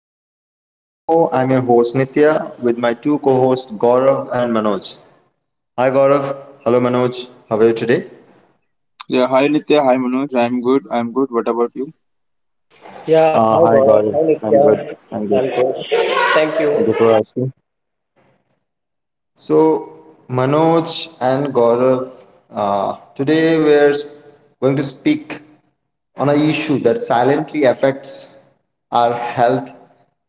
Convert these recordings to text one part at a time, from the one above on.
welcome back to my show. I'm your host Nitya with my two co-hosts Gaurav and Manoj. Hi Gaurav, hello Manoj, how are you today? Yeah, hi Nitya, hi Manoj. I'm good. What about you? Yeah, Uh, hi hi, Gaurav. Gaurav. Hi I'm good. Nitya. I'm good. I'm good. Thank Thank you you. for asking. So Manoj and Gaurav, today going to speak on an issue that silently affects our health,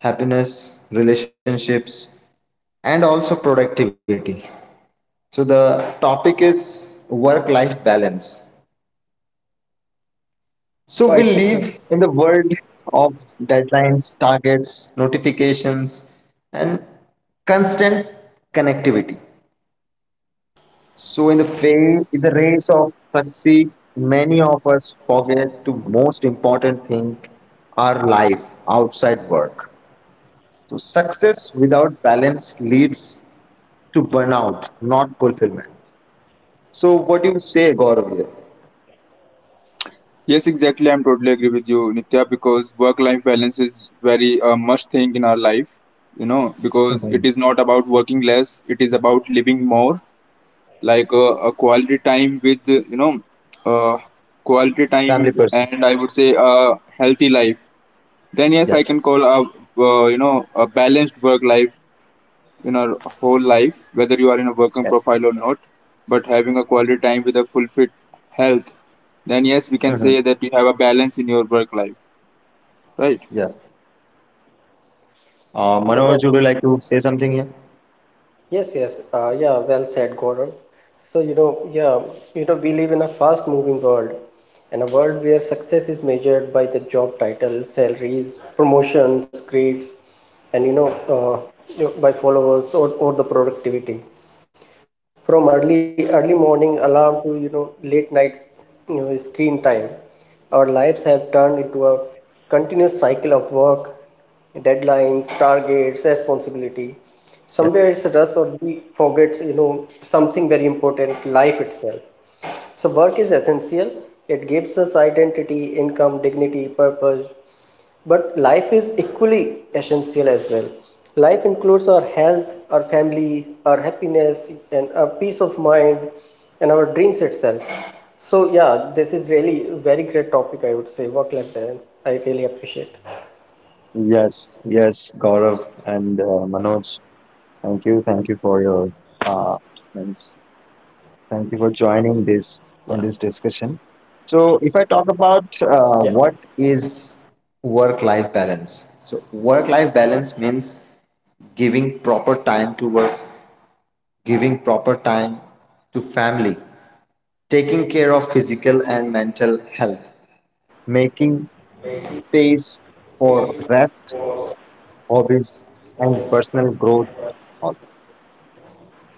happiness, relationships, and also productivity. So the topic is work-life balance. So we Oh, except that- live in the world of deadlines, targets, notifications, and constant connectivity. So in in the race of succeed, many of us forget to most important thing, our life outside work. So success without balance leads to burnout, not fulfillment. So what do you say, Gaurav? Here, Yes, exactly. I'm totally agree with you, Nitya, because work-life balance is very much thing in our life. You know, because it is not about working less; it is about living more, like a quality time with uh, quality family time, person. and I would say a healthy life. Then yes, I Yes. can call a you know a balanced work life in our whole life, whether you are in a working Yes. profile or not, but having a quality time with a full fit health, then yes, we can Hmm. say that you have a balance in your work life, right? Yeah. Uh, yeah, Manoj, well, would you like to say something here? yes, yes. Yeah, Well said, Gaurav. So, you know, yeah, we live in a fast-moving world and a world where success is measured by the job title, salaries, promotions, grades, and, you know, by followers or the productivity. From early morning alarm to late night screen time, our lives have turned into a continuous cycle of work, deadlines, targets, responsibility. Yes. Somewhere it's a rush or we forget, something very important, life itself. So work is essential. It gives us identity, income, dignity, purpose. But life is equally essential as well. Life includes our health, our family, our happiness, and our peace of mind, and our dreams itself. So yeah, this is really a very great topic. I would say work-life balance. I really appreciate. Yes. Yes, Gaurav and Manoj, thank you. Thank you for your uh, comments. Thank you for Yeah, joining this on this discussion. So, if I yeah. talk about what is work-life balance, so work-life balance means giving proper time to work, giving proper time to family, taking care of physical and mental health, making space for rest, hobbies, and personal growth. All.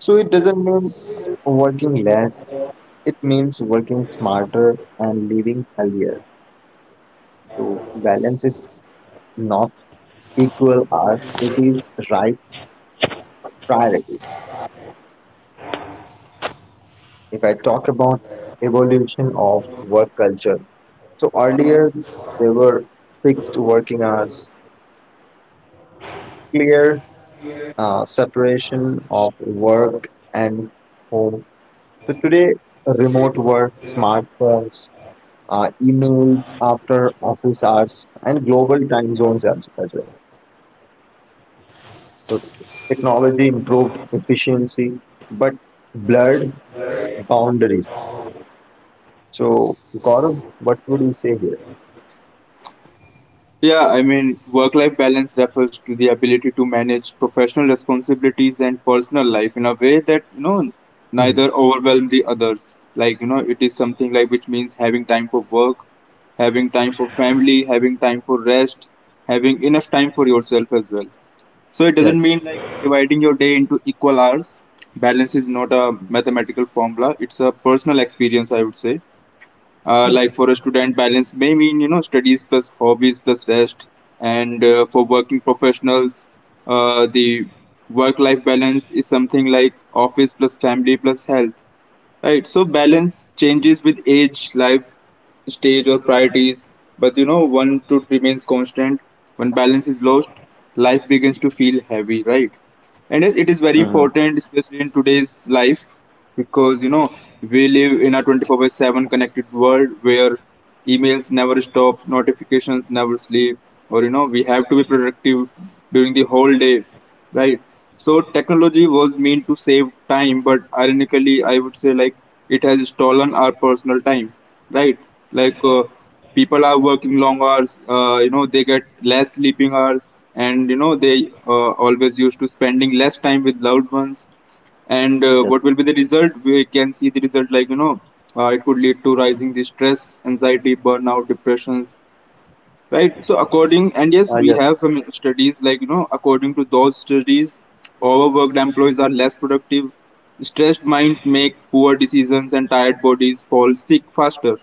So it doesn't mean working less, it means working smarter and living healthier. So balance is not equal hours, it is right priorities. If I talk about evolution of work culture, so earlier there were fixed working hours, clear separation of work and home. So today, remote work, smartphones, emails after office hours, and global time zones as well. So technology improved efficiency, but blurred boundaries. So Gaurav, what would you say here? Yeah, I mean, work life balance refers to the ability to manage professional responsibilities and personal life in a way that, you know, Mhm. neither overwhelm the others. Like, you know, it is something like which means having time for work, having time for family, having time for rest, having enough time for yourself as well. So it doesn't Yes. mean like dividing your day into equal hours. Balance is not a mathematical formula. It's a personal experience, I would say. Yes. Like for a student, balance may mean you know studies plus hobbies plus rest, and for working professionals, the work-life balance is something like office plus family plus health. Right. So balance changes with age, life stage, or priorities, but you know, one truth remains constant. When balance is lost, life begins to feel heavy, right? And yes, it is very Mhm. important, especially in today's life, because you know we live in a 24 by 7 connected world where emails never stop, notifications never sleep, or you know we have to be productive during the whole day, right? So technology was meant to save time, but ironically I would say like it has stolen our personal time, right? Like people are working long hours, you know they get less sleeping hours, and you know they always used to spending less time with loved ones. And what Yes. will be the result? We can see the result like you know it could lead to rising the stress, anxiety, burnout, depressions, right? So according, and yes, Uh, we have yes. some studies like you know, according to those studies, overworked employees are less productive, stressed minds make poor decisions, and tired bodies fall sick faster.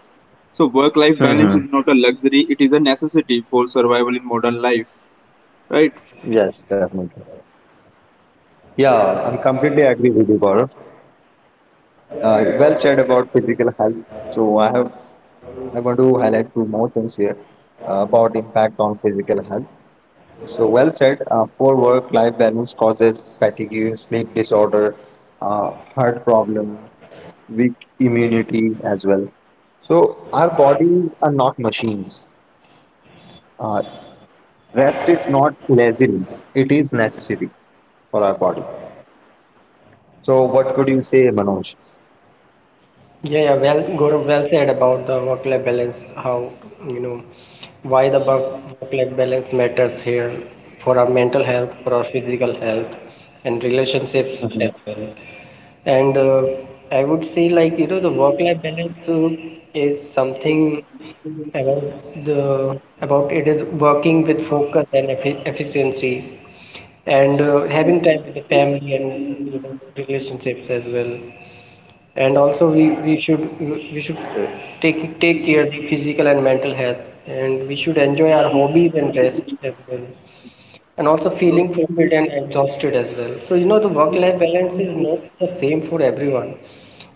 So work life balance is Hmm. not a luxury, it is a necessity for survival in modern life, right? Yes, definitely. Yeah, I'm completely agree with you, Gaurav. Well said about physical health. So I have I want to highlight two more things here about impact on physical health. So well said. Poor work-life balance causes fatigue, sleep disorder, heart problem, weak immunity as well. So our bodies are not machines. Uh, Rest is not laziness; it is necessary for our body. So what would you say, Manoj? Yeah, well, Gaurav, well said about the work-life balance, how, you know, why the work-life balance matters here for our mental health, for our physical health, and relationships as well. And I would say, the work-life balance is something about about it. Is working with focus and efficiency, and having time with the family and, relationships as well. And also we should take care of the physical and mental health, and we should enjoy our hobbies and rest as well, and also feeling fulfilled and exhausted as well. So the work life balance is not the same for everyone.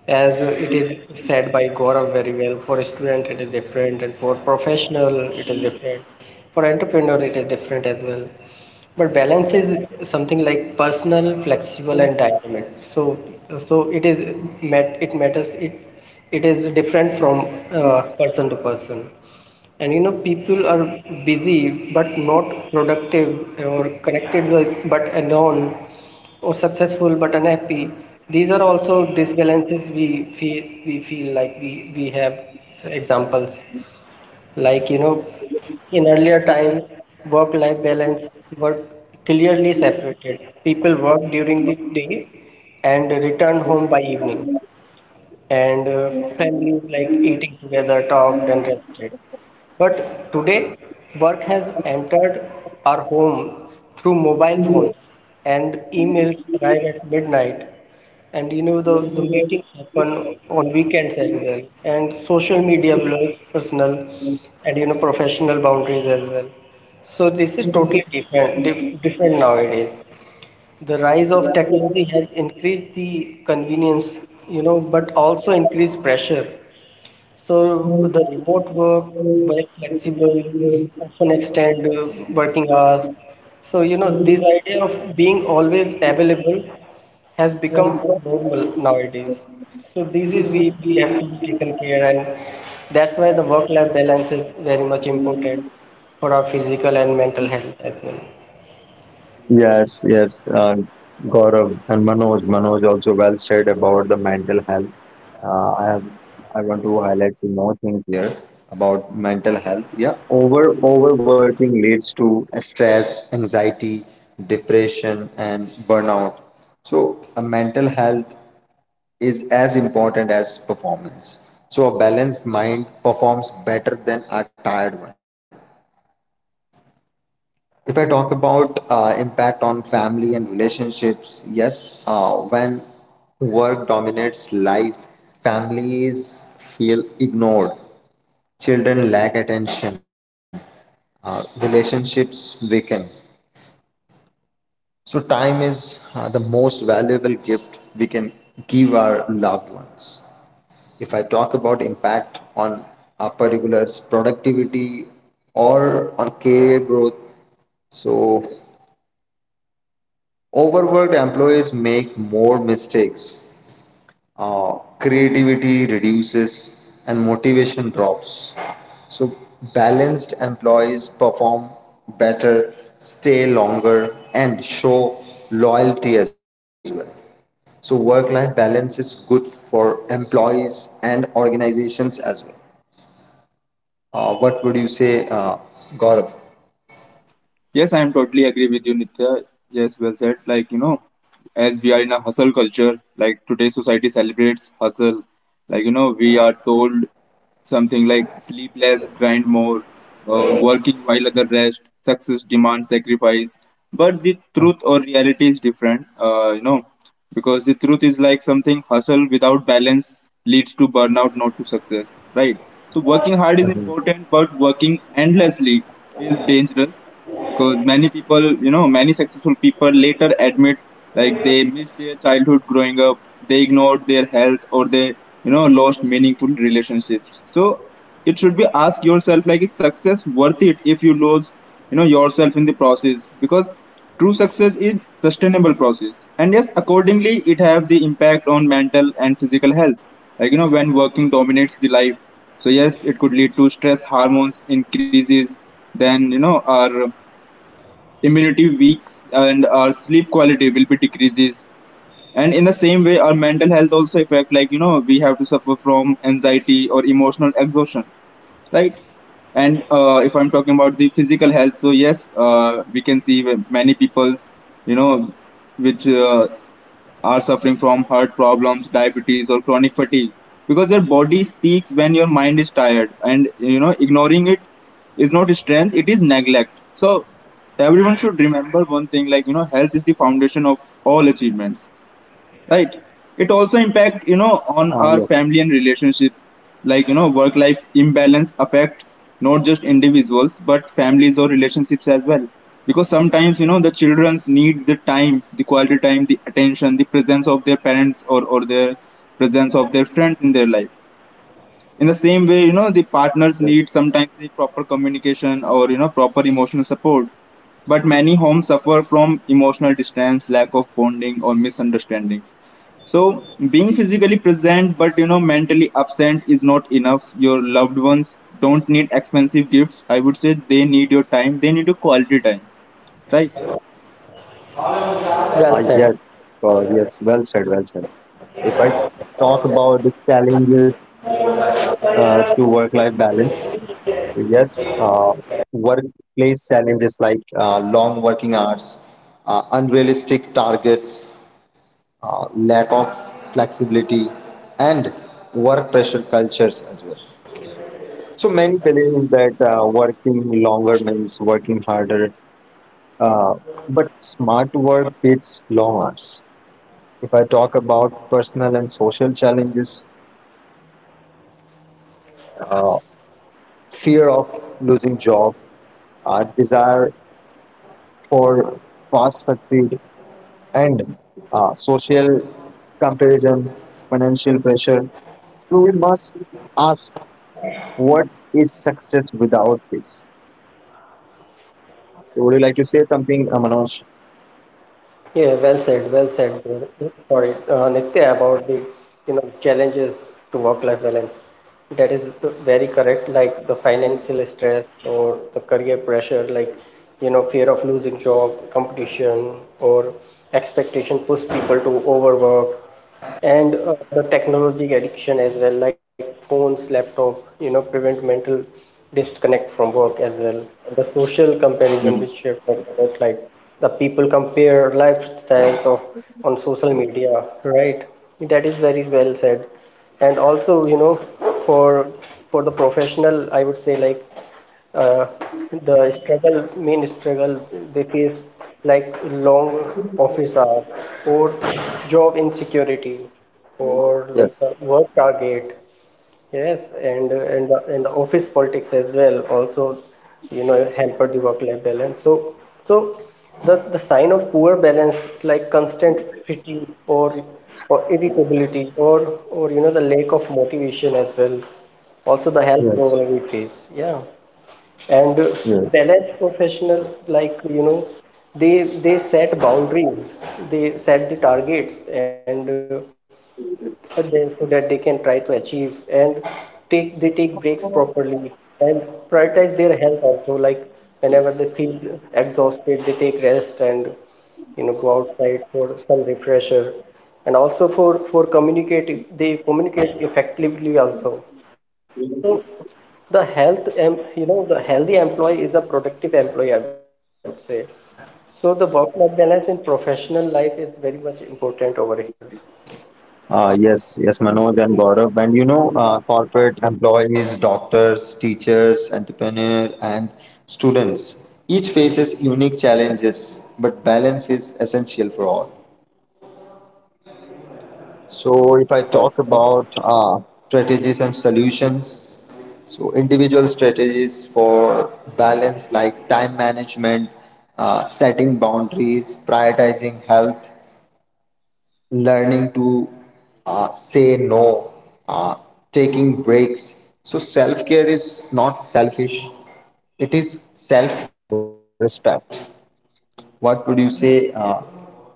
As it is said by Gaurav very well, for a student it is different and for professional it is different, for entrepreneur it is different as well. But balance is something like personal, flexible and dynamic. So so it is, mat it matters. It it is different from person to person. And people are busy but not productive, or connected with but alone, or successful but unhappy. These are also disbalances we feel. We have examples. like, you know, in earlier times, work-life balance were clearly separated. People worked during the day and returned home by evening, and families like eating together, talked and rested. But today, work has entered our home through mobile phones, and emails arrive at midnight. And you know, the meetings happen on weekends as well. And social media blurs personal and, professional boundaries as well. So this is totally different, different nowadays. The rise of technology has increased the convenience, but also increased pressure. So the remote work, very flexible, often extend working hours. So this idea of being always available has become normal nowadays. So this is, we have to be taken care, and that's why the work-life balance is very much important for our physical and mental health as well. Yes, yes, Gaurav and Manoj. Manoj also well said about the mental health. Uh, I have, I want to highlight some more things here about mental health. Yeah, overworking leads to stress, anxiety, depression, and burnout. So, a mental health is as important as performance. So, a balanced mind performs better than a tired one. If I talk about impact on family and relationships, yes, when work dominates life, families feel ignored, children lack attention, relationships weaken. So, time is the most valuable gift we can give our loved ones. If I talk about impact on a particular productivity or on career growth, so overworked employees make more mistakes, uh, creativity reduces, and motivation drops. So, balanced employees perform better, stay longer, and show loyalty as well. So, work life balance is good for employees and organizations as well. What would you say, uh, Gaurav? Yes, I am totally agree with you, Nitya. Yes, well said. Like, you know, as we are in a hustle culture, like today's society celebrates hustle. Like, you know, we are told something like sleep less, grind more, working while other rest, success demands sacrifice. But the truth or reality is different, you know, because the truth is like something hustle without balance leads to burnout, not to success, right? So working hard is important, Mhm. but working endlessly is dangerous, because many people you know, many successful people later admit like they missed their childhood growing up, they ignored their health, or they you know lost meaningful relationships. So it should be ask yourself like, is success worth it if you lose you know yourself in the process? Because true success is sustainable process. And yes, accordingly it have the impact on mental and physical health, like you know when working dominates the life, so yes it could lead to stress hormones increases, then you know our immunity weaks and our sleep quality will be decreases. And in the same way our mental health also affect, like you know we have to suffer from anxiety or emotional exhaustion, right? And if I'm talking about the physical health, so yes, we can see where many people you know which are suffering from heart problems, diabetes, or chronic fatigue, because your body speaks when your mind is tired, and you know, ignoring it is not strength, it is neglect. So, everyone should remember one thing like, you know, health is the foundation of all achievements, right? It also impact you know Uh, on our yes, family and relationship, like you know work life imbalance affect not just individuals but families or relationships as well, because sometimes you know the children need the time, the quality time, the attention, the presence of their parents or their presence of their friends in their life. In the same way, you know, the partners need yes. sometimes the proper communication or you know proper emotional support, but many homes suffer from emotional distance, lack of bonding, or misunderstanding. So being physically present but you know mentally absent is not enough. Your loved ones don't need expensive gifts. I would say they need your time. They need your quality time, right? Ah, yes, Well uh, said. yes, well said, well said. If I talk about the challenges to work-life balance, yes, workplace challenges like long working hours, unrealistic targets, lack of flexibility, and work pressure cultures as well. So many believe that working longer means working harder, but smart work beats long hours. If I talk about personal and social challenges, fear of losing job, desire for fast succeed, and social comparison, financial pressure. So we must ask what is success without this. So would you like to say something, Manoj? Yeah, well said, well said. Dev. Sorry, Nitya, about the challenges to work-life balance. That is very correct. Like the financial stress or the career pressure, like fear of losing job, competition, or expectation push people to overwork. And the technology addiction as well, like phones, laptop, prevent mental disconnect from work as well. The social comparison which you Mhm. have talked about, like the people compare lifestyles of on social media, right? That is very well said. And also, you know for for the professional I would say, like uh, main struggle they face, like long office hours, or job insecurity, or like the work Yes. target. Yes, and the office politics as well also, hamper the work-life balance. So the sign of poor balance, like constant fatigue, or irritability, or the lack of motivation as well. Also the health problem Yes. we face. Yeah. And balance Yes. professionals, like, they, set boundaries, they set the targets, and but then so that they can try to achieve, and take they take breaks properly, and prioritize their health also, like whenever they feel exhausted they take rest, and go outside for some refresher. And also for communicate they communicate effectively also. So the healthy employee is a productive employee, I would say. So the work life balance in professional life is very much important over here. Yes, yes, Manoj and Gaurav. And you know, corporate employees, doctors, teachers, entrepreneurs, and students each faces unique challenges, but balance is essential for all. That's So, all. if I talk about strategies and solutions, so individual strategies for balance like time management, setting boundaries, prioritizing health, learning to say no, uh, taking breaks. So, self care is not selfish, it is self respect. What would you say, Gaurav?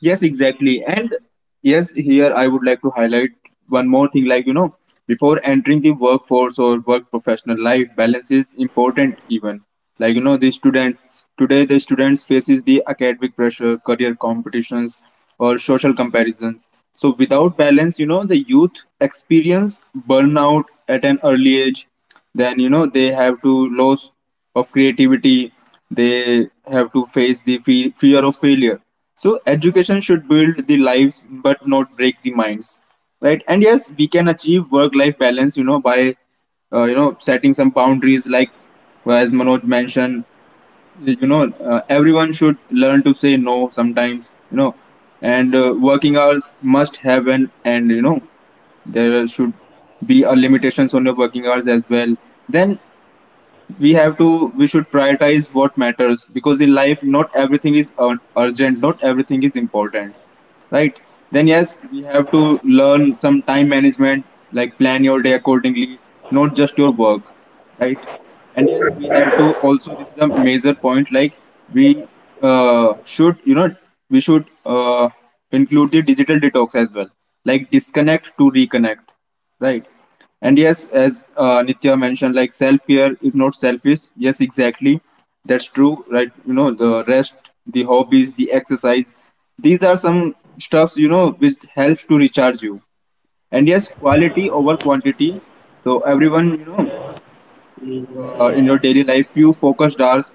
Yes, exactly. And yes, here I would like to highlight one more thing like, you know, before entering the workforce or work professional life, balance is important even. Like, you know, the students today the students faces the academic pressure, career competitions, or social comparisons. So without balance, you know, the youth experience burnout at an early age. Then, you know, they have to lose of creativity, they have to face the fear of failure. So education should build the lives but not break the minds, right? And yes, we can achieve work life balance you know by you know setting some boundaries, like as Manoj mentioned, you know, everyone should learn to say no sometimes, you know, and working hours must have an end, you know. There should be a limitations on your working hours as well. Then we have to we should prioritize what matters, because in life not everything is urgent, not everything is important, right? Then yes, we have to learn some time management, like plan your day accordingly, not just your work, right? And yes, we have to also, this is a major point, like we uh, should you know we should include the digital detox as well, like disconnect to reconnect, right? And yes, as Nitya mentioned, like self care is not selfish, yes exactly, that's true, right? You know the rest, the hobbies, the exercise, these are some stuffs you know which helps to recharge you. And yes, quality over quantity. So everyone you know in your daily life few focused hours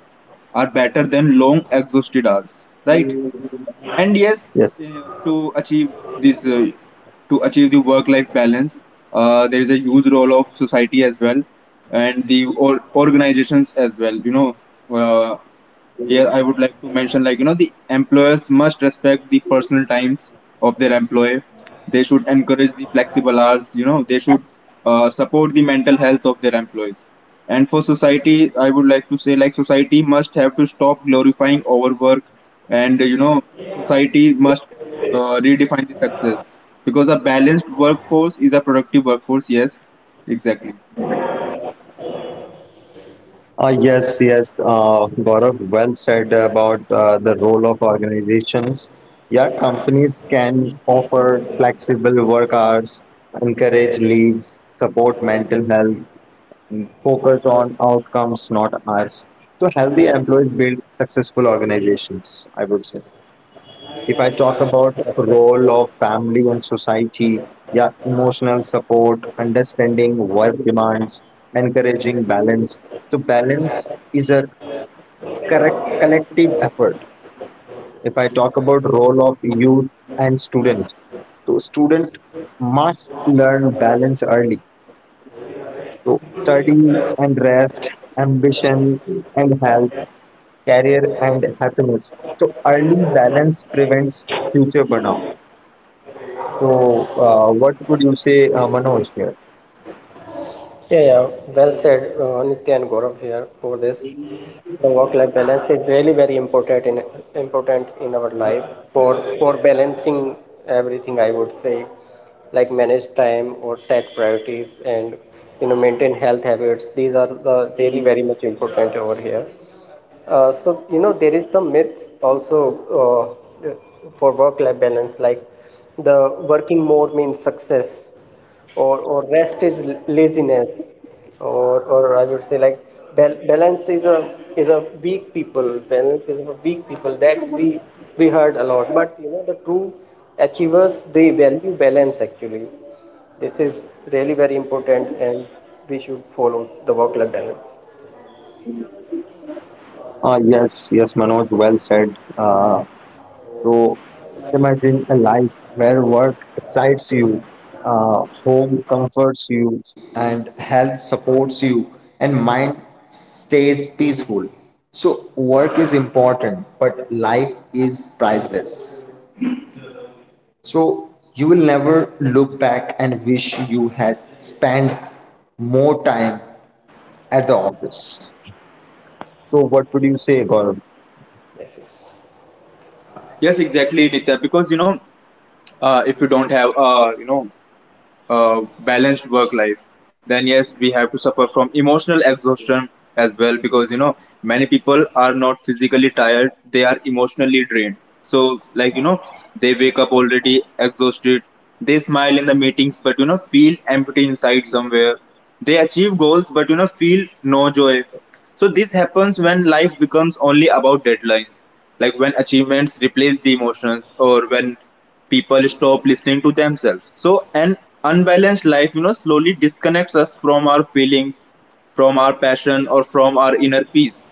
are better than long exhausted hours, right? And yes, uh, Yes. to achieve this uh, to achieve the work life balance, there is a huge role of society as well, and the organizations as well, you know. uh, Here, I would like to mention, like, you know, the employers must respect the personal times of their employee. They should encourage the flexible hours, you know, they should support the mental health of their employees. And for society, I would like to say, like, society must have to stop glorifying overwork, and, you know, society must redefine the success, because a balanced workforce is a productive workforce. Yes, exactly. Yes, yes, Gaurav, well said about the role of organizations. Yeah, companies can offer flexible work hours, encourage leaves, support mental health, focus on outcomes, not hours. So healthy employees build successful organizations, I would say. If I talk about role of family and society, yeah, emotional support, understanding work demands, encouraging balance. So balance is a correct collective effort. If I talk about role of youth and students, so student must learn balance early study and rest, ambition and health, career and happiness. So early balance prevents future burnout. So what would you say, Manoj here? Yeah, yeah, well said, Nitya and Gaurav here for this. The work-life balance is really very important in important in our life for balancing everything. I would say, like manage time or set priorities, and maintain health habits. These are the really very much important over here. So there is some myths also uh, for work-life balance, like the working more means success, or rest is laziness, or I would say like balance is a weak people. Balance is for weak people, that we heard a lot. But the true achievers, they value balance actually. This is really very important, and we should follow the work-life balance Yes, yes, Manoj, well said. Uh, So imagine a life where work excites you, home comforts you, and health supports you, and mind stays peaceful. So work is important, but life is priceless. So you will never look back and wish you had spent more time at the office. So what would you say, Gaurav? message. Yes, exactly, Nitya. Because, you know, if you don't have, you know, balanced work life, then yes we have to suffer from emotional exhaustion as well, because you know many people are not physically tired, they are emotionally drained. So like you know they wake up already exhausted, they smile in the meetings but you know feel empty inside somewhere, they achieve goals but you know feel no joy. So this happens when life becomes only about deadlines, like when achievements replace the emotions, or when people stop listening to themselves. So an unbalanced life, you know, slowly disconnects us from our feelings, from our passion, or from our inner peace.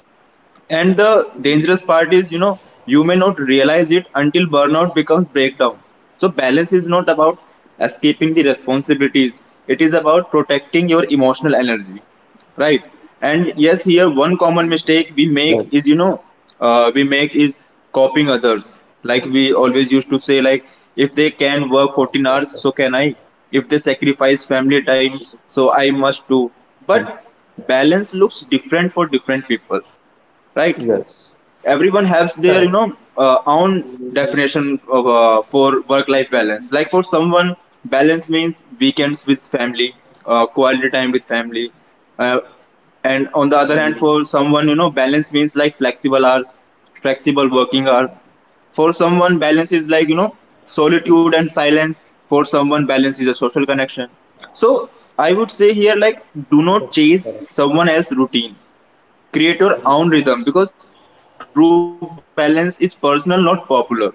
And the dangerous part is, you know, you may not realize it until burnout becomes breakdown. So balance is not about escaping the responsibilities. It is about protecting your emotional energy, right? And yes, here Yes. one common mistake we make is, you know, we make is copying others. Like we always used to say, like if they can work 14 hours, so can I. If they sacrifice family time, so I must too. Mm. But balance looks different for different people, right? Correct. Yes. Everyone has their you know own definition of, for work life balance, like for someone balance means weekends with family, quality time with family, uh, and on the other hand for someone you know balance means like flexible hours, flexible working hours, for someone balance is like you know solitude and silence, for someone balance is a social connection. So I would say here, Correct, like, do not chase someone else's routine, create your own rhythm, because true balance is personal, not popular.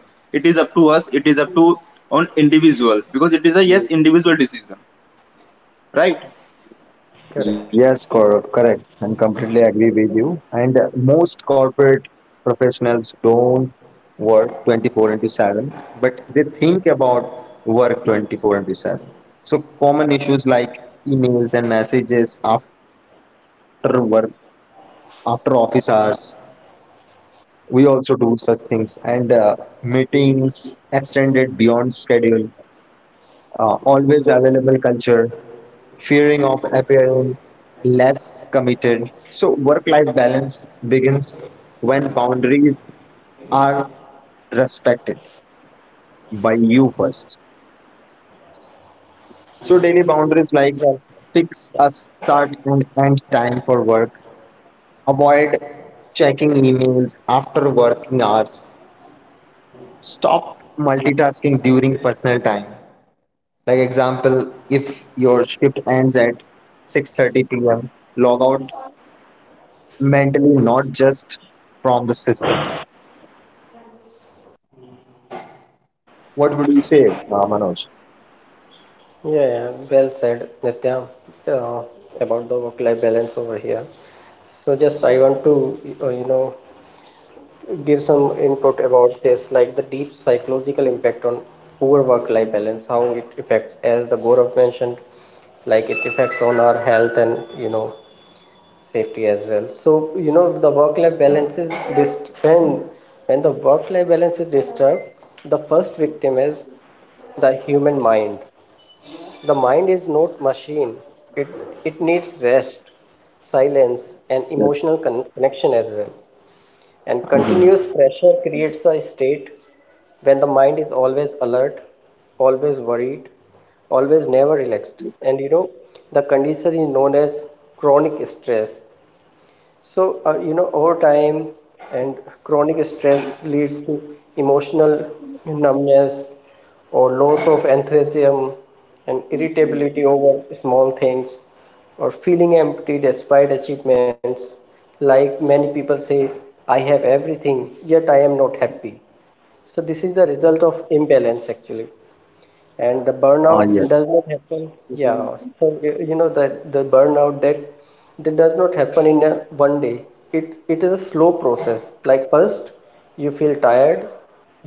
It is up to us, it is up to on individual, because it is a yes individual decision, right? correct. Yes, Gaurav, correct. I'm completely agree with you. And most corporate professionals don't work 24/7, but they think about work 24/7. So common issues like emails and messages after work, after office hours, we also do such things. And meetings extended beyond schedule, always available culture, fearing of appearing less committed. So, work life balance begins when boundaries are respected by you first. So, Well, daily boundaries like fix a start and end time for work, avoid checking emails after working hours, stop multitasking during personal time. Like example, if your shift ends at 6:30 p.m., log out mentally, not just from the system. What would you say, Manoj? yeah, well said, Nitya, uh, about the work-life balance over here. So just I want to, uh, you know, give some input about this, like the deep psychological impact on poor work-life balance, how it affects, as the Gaurav mentioned, like it affects on our health and, safety as well. So the work-life balance is disturbed, the first victim is the human mind. The mind is not machine. It it needs rest, silence, and Yes. emotional connection as well. And Mm-hmm. continuous pressure creates a state when the mind is always alert, always worried, always never relaxed. And the condition is known as chronic stress. So, over time and chronic stress leads to emotional numbness, or loss of enthusiasm, and irritability over small things, or feeling empty despite achievements. Like many people say, I have everything, yet I am not happy. So, this is the result of imbalance actually. And the Uh, burnout yes. does not happen. Yeah, so y- you know that the burnout that that does not happen in a one day. It is a slow process. Like first you feel tired,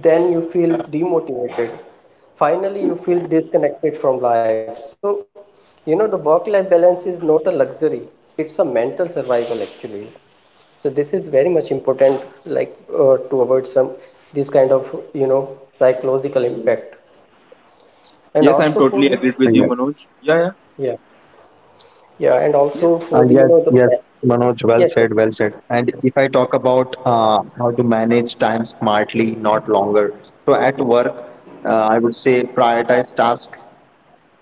then you feel demotivated, finally you feel disconnected from life. So the work life balance is not a luxury, it's a mental survival actually. So this is very much important, like to avoid some this kind of psychological impact. And Yes, I'm also for totally the agreed Uh, with you, yes. Manoj. Yeah, yeah, yeah, yeah, and yes. also Uh, for the yes. Yes. Manoj, well yes, yes, said. Well said. And if I talk about how to manage time smartly, not longer. So at work, I would say prioritize tasks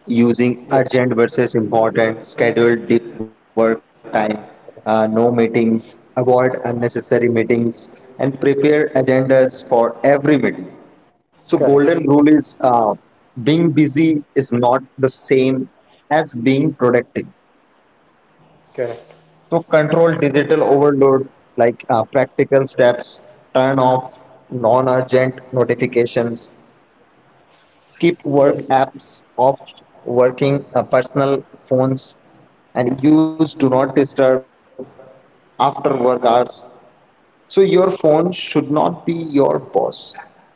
using yes, urgent versus important, schedule deep work time, no meetings, avoid unnecessary meetings, and prepare agendas for every meeting. So correct, golden rule is being busy is not the same as being productive. correct, So control digital overload like practical steps, turn off non-urgent notifications, yes, keep work apps off working personal phones and use do not disturb after work hours. So your phone should not be your boss,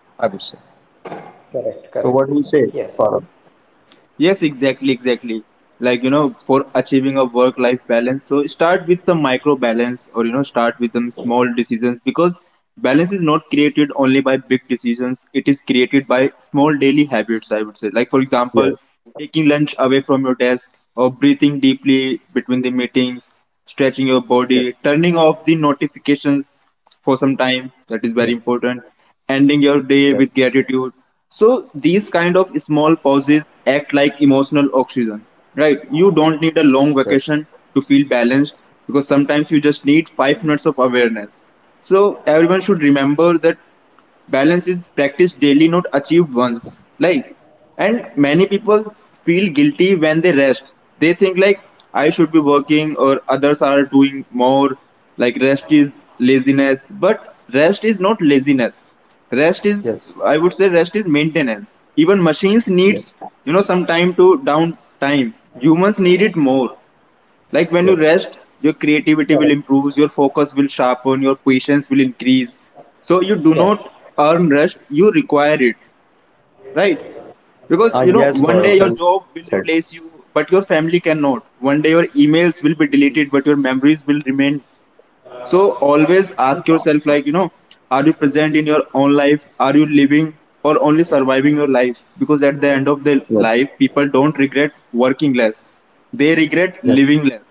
I would say. correct, correct, So what do you yes, say, Gaurav? Yes, exactly, exactly. Like, you know, for achieving a work life balance, so start with some micro balance, or, you know, start with some small decisions, because balance is not created only by big decisions, it is created by small daily habits, I would say. Like, for example, Yes, taking lunch away from your desk, or breathing deeply between the meetings, stretching your body, yes, turning off the notifications for some time, that is very yes, important, ending your day with yes. gratitude. So these kind of small pauses act like emotional oxygen, right? You don't need a long Yes. vacation to feel balanced, because sometimes you just need 5 minutes of awareness. So everyone should remember that Balance is practiced daily, not achieved once. Like, and many people feel guilty when they rest. They think like I should be working, or others are doing more. Like rest is laziness, but rest is not laziness. Rest is, Yes. I would say rest is maintenance. Even machines needs Yes. you know some time to down time. Humans need it more. Like when you rest, Yes. your creativity correct, will improve, your focus will sharpen, your patience will increase. So you do yes. not earn rest, you require it, right? Uh, Because you yes, know, Gaurav, one well day your said. job will replace you, but your family cannot. One day your emails will be deleted, but your memories will remain. So always ask yourself, like, you know, are you present in your own life? Are you living or only surviving your life? Because at the end of the Yes. life, people don't regret working less, they regret Yes. living less,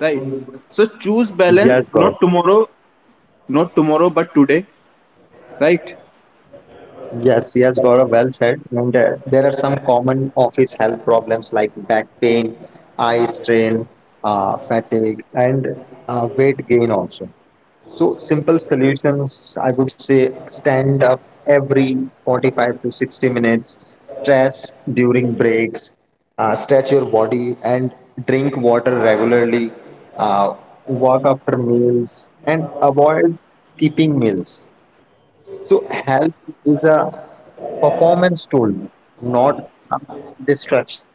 right? So choose Yes, balance, Gaurav. not tomorrow, not tomorrow, but today, right? Yes, yes, Bye Gaurav, well said. And there are some common office health problems like back pain, eye strain, fatigue, and weight gain also. So simple solutions, I would say stand up every 45 to 60 minutes, stress during breaks, stretch your body and drink water regularly, uh, walk after meals and avoid keeping meals. So health is a performance tool, not a distraction.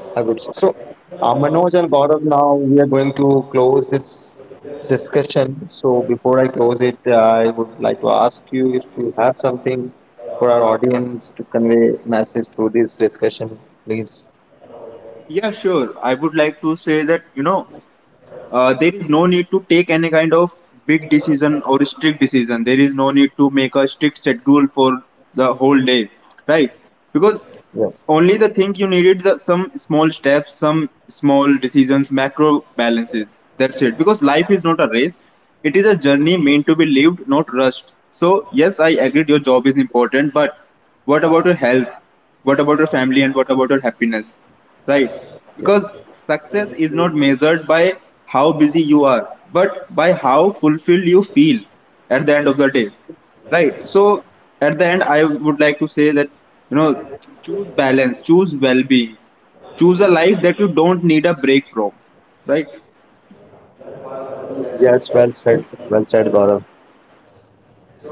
I would say. So, Manoj and Gaurav, now we are going to close this discussion. So, before I close it, I would like to ask you if you have something for our audience to convey message through this discussion, please. Yeah, sure. I would like to say that, you know, there is no need to take any kind of big decision or strict decision, there is no need to make a strict schedule for the whole day, right? Because Yes, only the thing you needed the, some small steps, some small decisions, macro balances, that's it. Because life is not a race, it is a journey meant to be lived, not rushed. So yes, I agreed your job is important, but what about your health? What about your family? And what about your happiness, right? Because yes. success is not measured by how busy you are, but by how fulfilled you feel at the end of the day, right? So, at the end, I would like to say that, you know, choose balance, choose well being, choose a life that you don't need a break from, right? Yes, well said. Well said, Gaurav.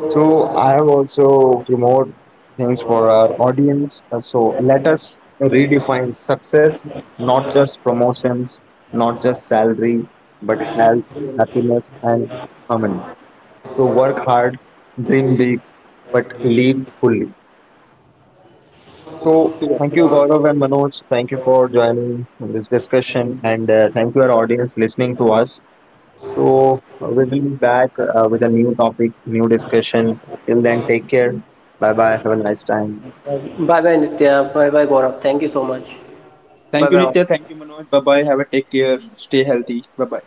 So I have also few more things for our audience. So let us redefine success, not just promotions, not just salary, but health, happiness, and harmony. So work hard, dream big, but live fully. So thank you, Gaurav and Manoj. Thank you for joining in this discussion, and thank you our audience listening to us. So we will be back with a new topic, new discussion. Till then, take care. Bye bye. Have a nice time. bye, Nitya. Bye bye, Gaurav. Thank you so much. Bye Thank you, bye. Nitya. Thank you, Manoj. Bye bye. Have a take care. Stay healthy. Bye bye.